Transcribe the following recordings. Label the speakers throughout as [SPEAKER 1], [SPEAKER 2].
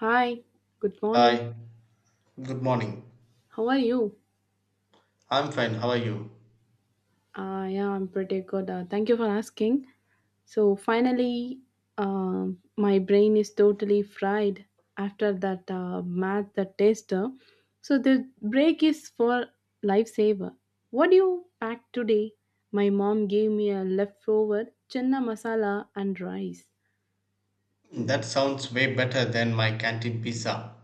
[SPEAKER 1] Hi, good morning.
[SPEAKER 2] Hi, good morning.
[SPEAKER 1] How are you?
[SPEAKER 2] I'm fine, how are you?
[SPEAKER 1] Yeah, I'm pretty good. Thank you for asking. So, finally, my brain is totally fried after that math the tester. So, the break is for lifesaver. What do you pack today? My mom gave me a leftover chenna masala and rice.
[SPEAKER 2] That sounds way better than my canteen pizza.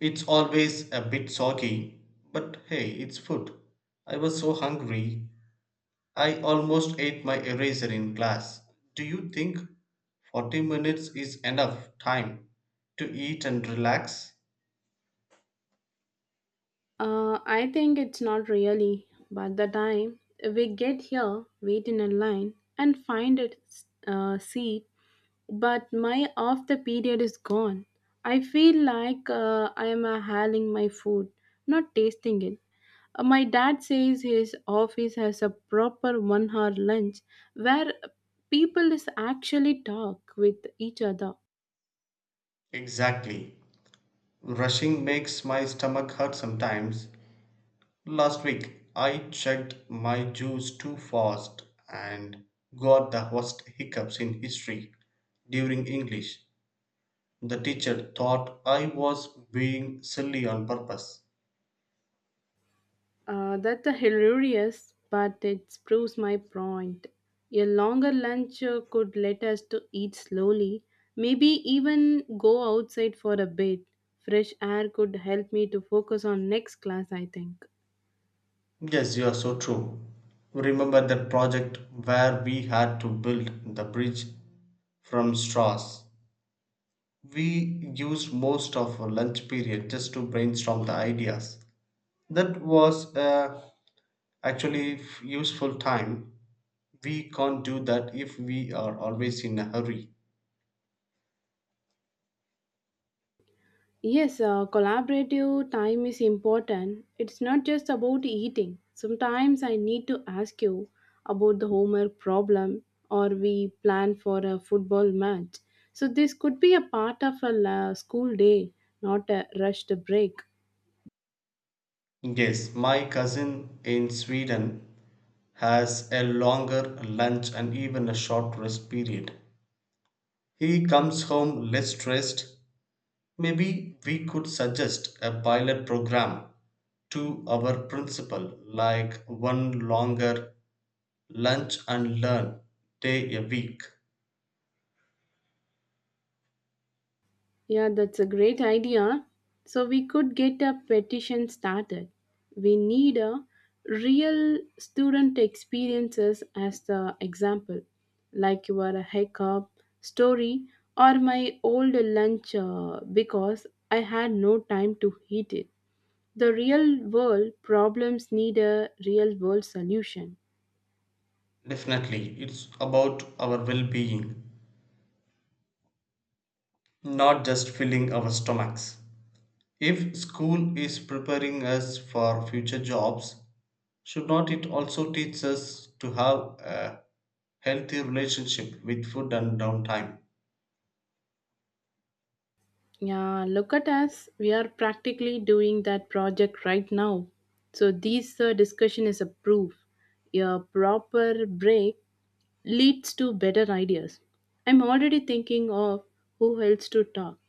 [SPEAKER 2] It's always a bit soggy, but hey, it's food. I was so hungry, I almost ate my eraser in class. Do you think 40 minutes is enough time to eat and relax?
[SPEAKER 1] I think it's not really, but the time we get here, wait in a line, and find a seat, but my off the period is gone. I feel like I am hailing my food, not tasting it. My dad says his office has a proper 1 hour lunch where people is actually talk with each other.
[SPEAKER 2] Exactly. Rushing makes my stomach hurt sometimes. Last week I chugged my juice too fast and got the worst hiccups in history during English. The teacher thought I was being silly on purpose.
[SPEAKER 1] That's a hilarious, but it proves my point. A longer lunch could let us to eat slowly, maybe even go outside for a bit. Fresh air could help me to focus on next class, I think.
[SPEAKER 2] Yes, you are so true. Remember that project where we had to build the bridge from straws? We used most of our lunch period just to brainstorm the ideas. That was actually useful time. We can't do that if we are always in a hurry.
[SPEAKER 1] Yes, collaborative time is important. It's not just about eating. Sometimes I need to ask you about the homework problem or we plan for a football match. So this could be a part of a school day, not a rushed break.
[SPEAKER 2] Yes, my cousin in Sweden has a longer lunch and even a short rest period. He comes home less stressed. Maybe we could suggest a pilot program to our principal, like one longer lunch and learn day a week.
[SPEAKER 1] Yeah, that's a great idea. So we could get a petition started. We need a real student experiences as the example, like your hiccup story or my old lunch because I had no time to heat it. The real world problems need a real world solution.
[SPEAKER 2] Definitely, it's about our well being, not just filling our stomachs. If school is preparing us for future jobs, should not it also teach us to have a healthy relationship with food and downtime?
[SPEAKER 1] Yeah, look at us. We are practically doing that project right now. So this discussion is a proof. A proper break leads to better ideas. I'm already thinking of who else to talk,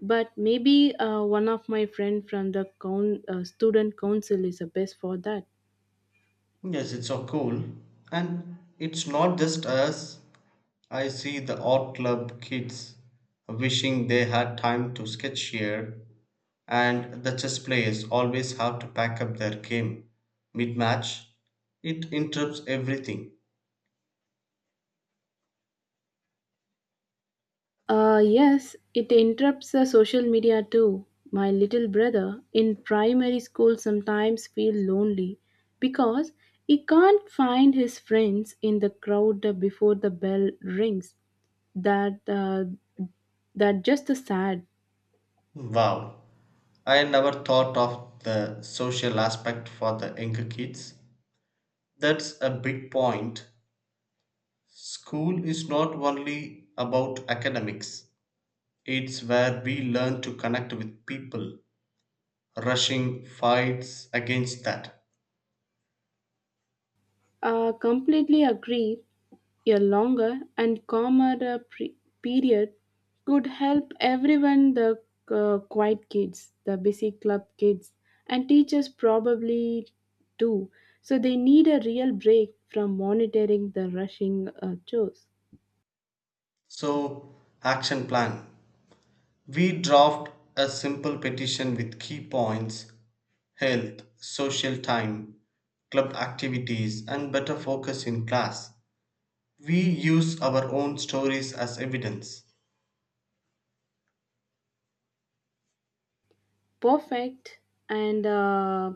[SPEAKER 1] but maybe one of my friend from the student council is the best for that.
[SPEAKER 2] Yes, it's so cool. And it's not just us. I see the art club kids wishing they had time to sketch here, and the chess players always have to pack up their game mid match. It interrupts everything.
[SPEAKER 1] Yes, it interrupts the social media too. My little brother in primary school sometimes feels lonely because he can't find his friends in the crowd before the bell rings. That uh, that just sad.
[SPEAKER 2] Wow, I never thought of the social aspect for the younger kids. That's a big point. School is not only about academics, it's where we learn to connect with people. Rushing fights against that.
[SPEAKER 1] Completely agree. A longer and calmer period could help everyone the quiet kids, the busy club kids, and teachers probably too. So they need a real break from monitoring the rushing chores.
[SPEAKER 2] So, action plan. We draft a simple petition with key points: health, social time, club activities, and better focus in class. We use our own stories as evidence.
[SPEAKER 1] Perfect, and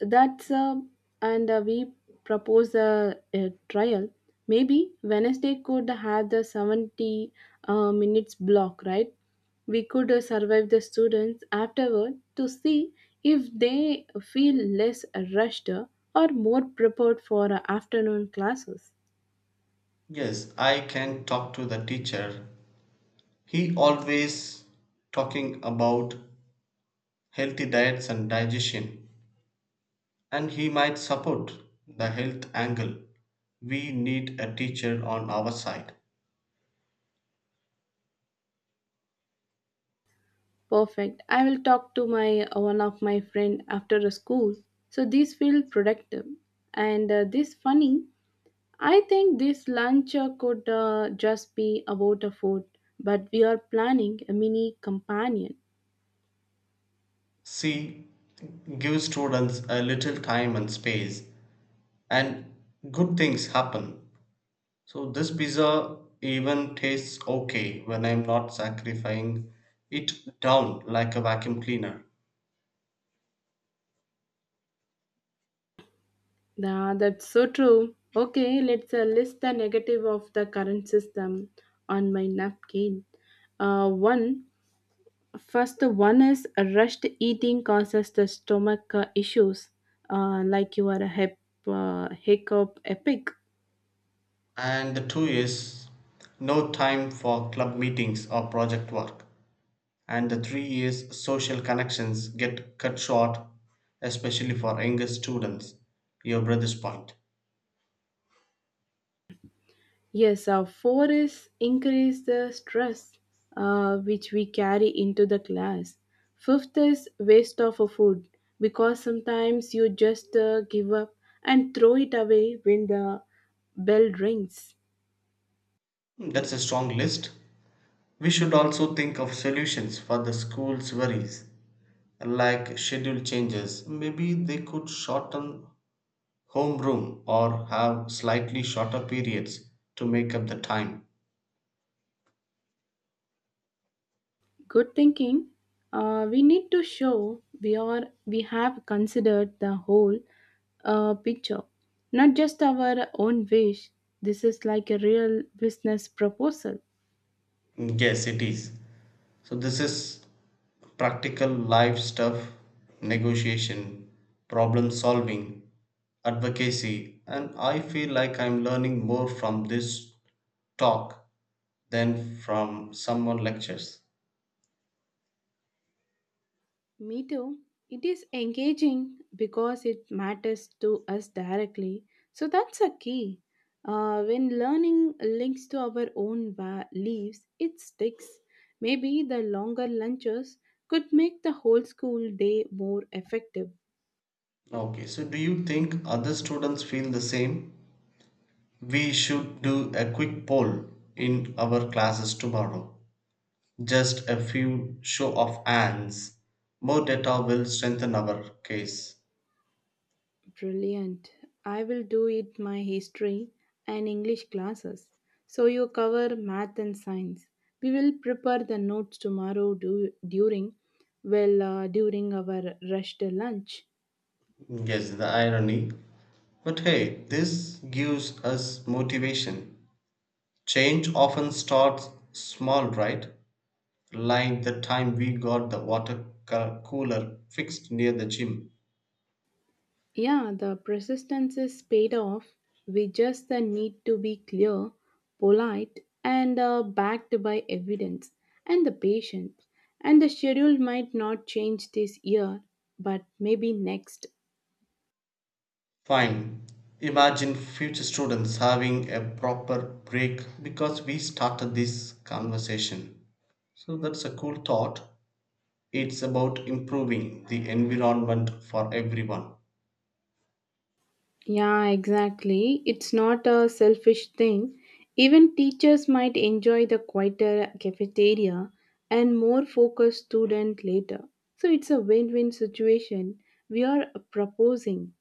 [SPEAKER 1] That's and we propose a trial. Maybe Wednesday could have the 70 minutes block, right? We could survive the students afterward to see if they feel less rushed or more prepared for afternoon classes.
[SPEAKER 2] Yes, I can talk to the teacher. He always talking about healthy diets and digestion, and he might support the health angle. We need a teacher on our side.
[SPEAKER 1] Perfect. I will talk to my one of my friend after the school. So these feel productive and this funny. I think this lunch could just be about a food, but we are planning a mini companion.
[SPEAKER 2] C. Give students a little time and space, and good things happen. So, this pizza even tastes okay when I'm not sacrificing it down like a vacuum cleaner.
[SPEAKER 1] Ah, that's so true. Okay, let's list the negative of the current system on my napkin. One, first one is rushed eating causes the stomach issues, like you are a hip, hiccup epic.
[SPEAKER 2] And the two is no time for club meetings or project work. And the 3 years social connections get cut short, especially for younger students, your brother's point.
[SPEAKER 1] Yes, our forests increase the stress which we carry into the class. Fifth is waste of a food because sometimes you just give up and throw it away when the bell rings.
[SPEAKER 2] Mm, that's a strong list. We should also think of solutions for the school's worries, like schedule changes. Maybe they could shorten homeroom or have slightly shorter periods to make up the time.
[SPEAKER 1] Good thinking. We need to show we have considered the whole picture, not just our own wish. This is like a real business proposal.
[SPEAKER 2] Yes, it is. So this is practical life stuff: negotiation, problem solving, advocacy, and I feel like I'm learning more from this talk than from someone lectures.
[SPEAKER 1] Me too. It is engaging because it matters to us directly. So that's a key. When learning links to our own lives, it sticks. Maybe the longer lunches could make the whole school day more effective.
[SPEAKER 2] Okay, so do you think other students feel the same? We should do a quick poll in our classes tomorrow. Just a few show of hands. More data will strengthen our case.
[SPEAKER 1] Brilliant. I will do it my history and English classes. So you cover math and science. We will prepare the notes tomorrow during our rushed lunch.
[SPEAKER 2] Yes, the irony. But hey, this gives us motivation. Change often starts small, right? Like the time we got the water cooler fixed near the gym.
[SPEAKER 1] Yeah, the persistence is paid off. We just need to be clear, polite and backed by evidence and the patient. And the schedule might not change this year, but maybe next.
[SPEAKER 2] Fine. Imagine future students having a proper break because we started this conversation. So that's a cool thought. It's about improving the environment for everyone.
[SPEAKER 1] Yeah, exactly. It's not a selfish thing. Even teachers might enjoy the quieter cafeteria and more focused student later. So it's a win win situation we are proposing.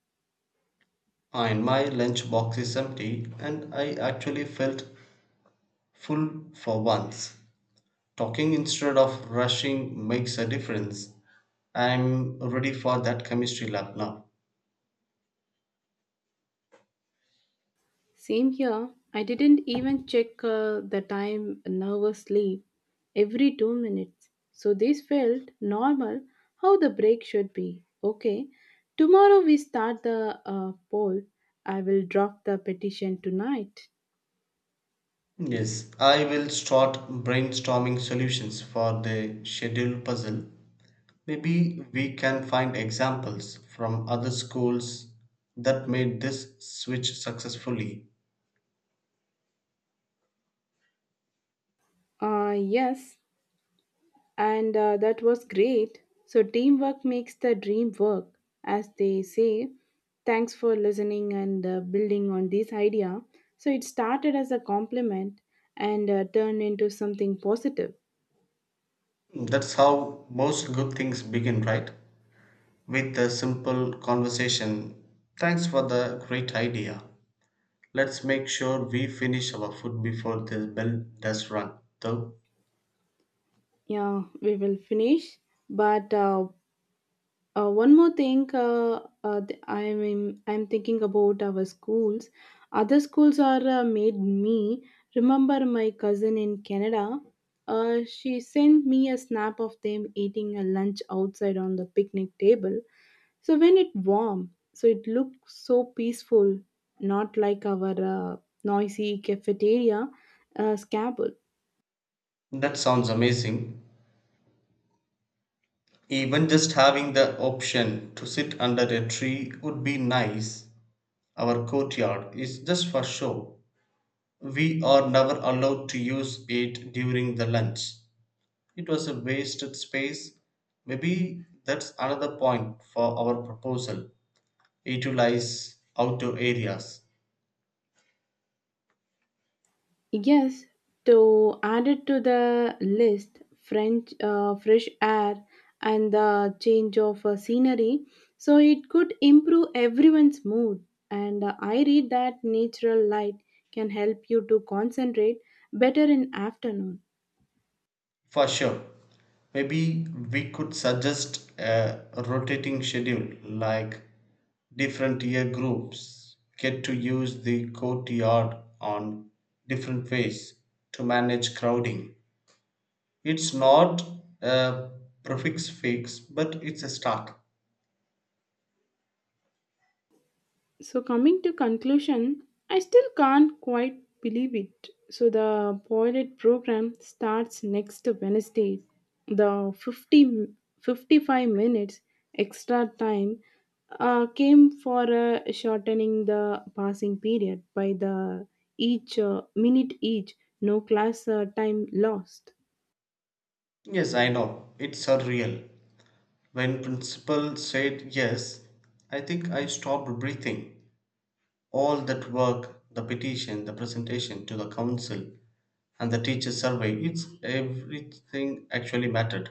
[SPEAKER 2] Fine, my lunch box is empty, and I actually felt full for once. Talking instead of rushing makes a difference. I'm ready for that chemistry lab now.
[SPEAKER 1] Same here. I didn't even check the time nervously every 2 minutes. So this felt normal how the break should be. Okay, tomorrow we start the poll. I will drop the petition tonight.
[SPEAKER 2] Yes, I will start brainstorming solutions for the schedule puzzle. Maybe we can find examples from other schools that made this switch successfully.
[SPEAKER 1] Yes, and That was great. So, teamwork makes the dream work, as they say. Thanks for listening and building on this idea. So, it started as a compliment and turned into something positive.
[SPEAKER 2] That's how most good things begin, right? With a simple conversation. Thanks for the great idea. Let's make sure we finish our food before the bell does run, though.
[SPEAKER 1] Yeah, we will finish, but one more thing, I mean, I'm thinking about our schools. Other schools are made me remember my cousin in Canada. She sent me a snap of them eating a lunch outside on the picnic table. So when it warm, so it looks so peaceful, not like our noisy cafeteria scabble.
[SPEAKER 2] That sounds amazing. Even just having the option to sit under a tree would be nice. Our courtyard is just for show. We are never allowed to use it during the lunch. It was a wasted space. Maybe that's another point for our proposal. Utilize outdoor areas.
[SPEAKER 1] Yes, to add it to the list, French fresh air and the change of scenery, so it could improve everyone's mood. And I read that natural light can help you to concentrate better in afternoon.
[SPEAKER 2] For sure. Maybe we could suggest a rotating schedule, like different year groups get to use the courtyard on different ways to manage crowding. It's not a prefix fix, but it's a start.
[SPEAKER 1] So coming to conclusion, I still can't quite believe it. So the pilot program starts next Wednesday. The 55 minutes extra time came for shortening the passing period by the each minute each, no class time lost.
[SPEAKER 2] Yes, I know. It's surreal. When principal said yes, I think I stopped breathing. All that work, the petition, the presentation to the council, and the teacher survey, it's everything actually mattered.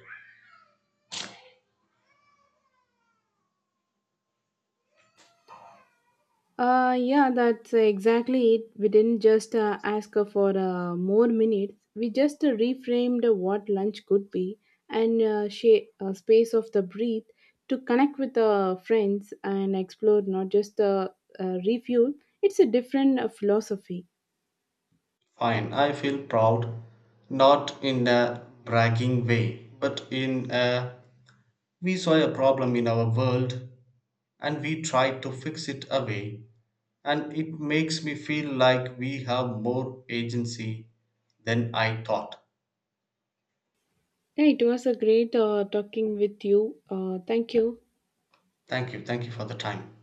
[SPEAKER 1] Yeah, that's exactly it. We didn't just ask for more minutes. We just reframed what lunch could be and she, space of the breathe to connect with friends and explore not just refuel. It's a different philosophy.
[SPEAKER 2] Fine, I feel proud, not in a bragging way, but in a we saw a problem in our world and we tried to fix it away, and it makes me feel like we have more agency than I thought.
[SPEAKER 1] Yeah, it was a great talking with you. Thank you.
[SPEAKER 2] Thank you for the time.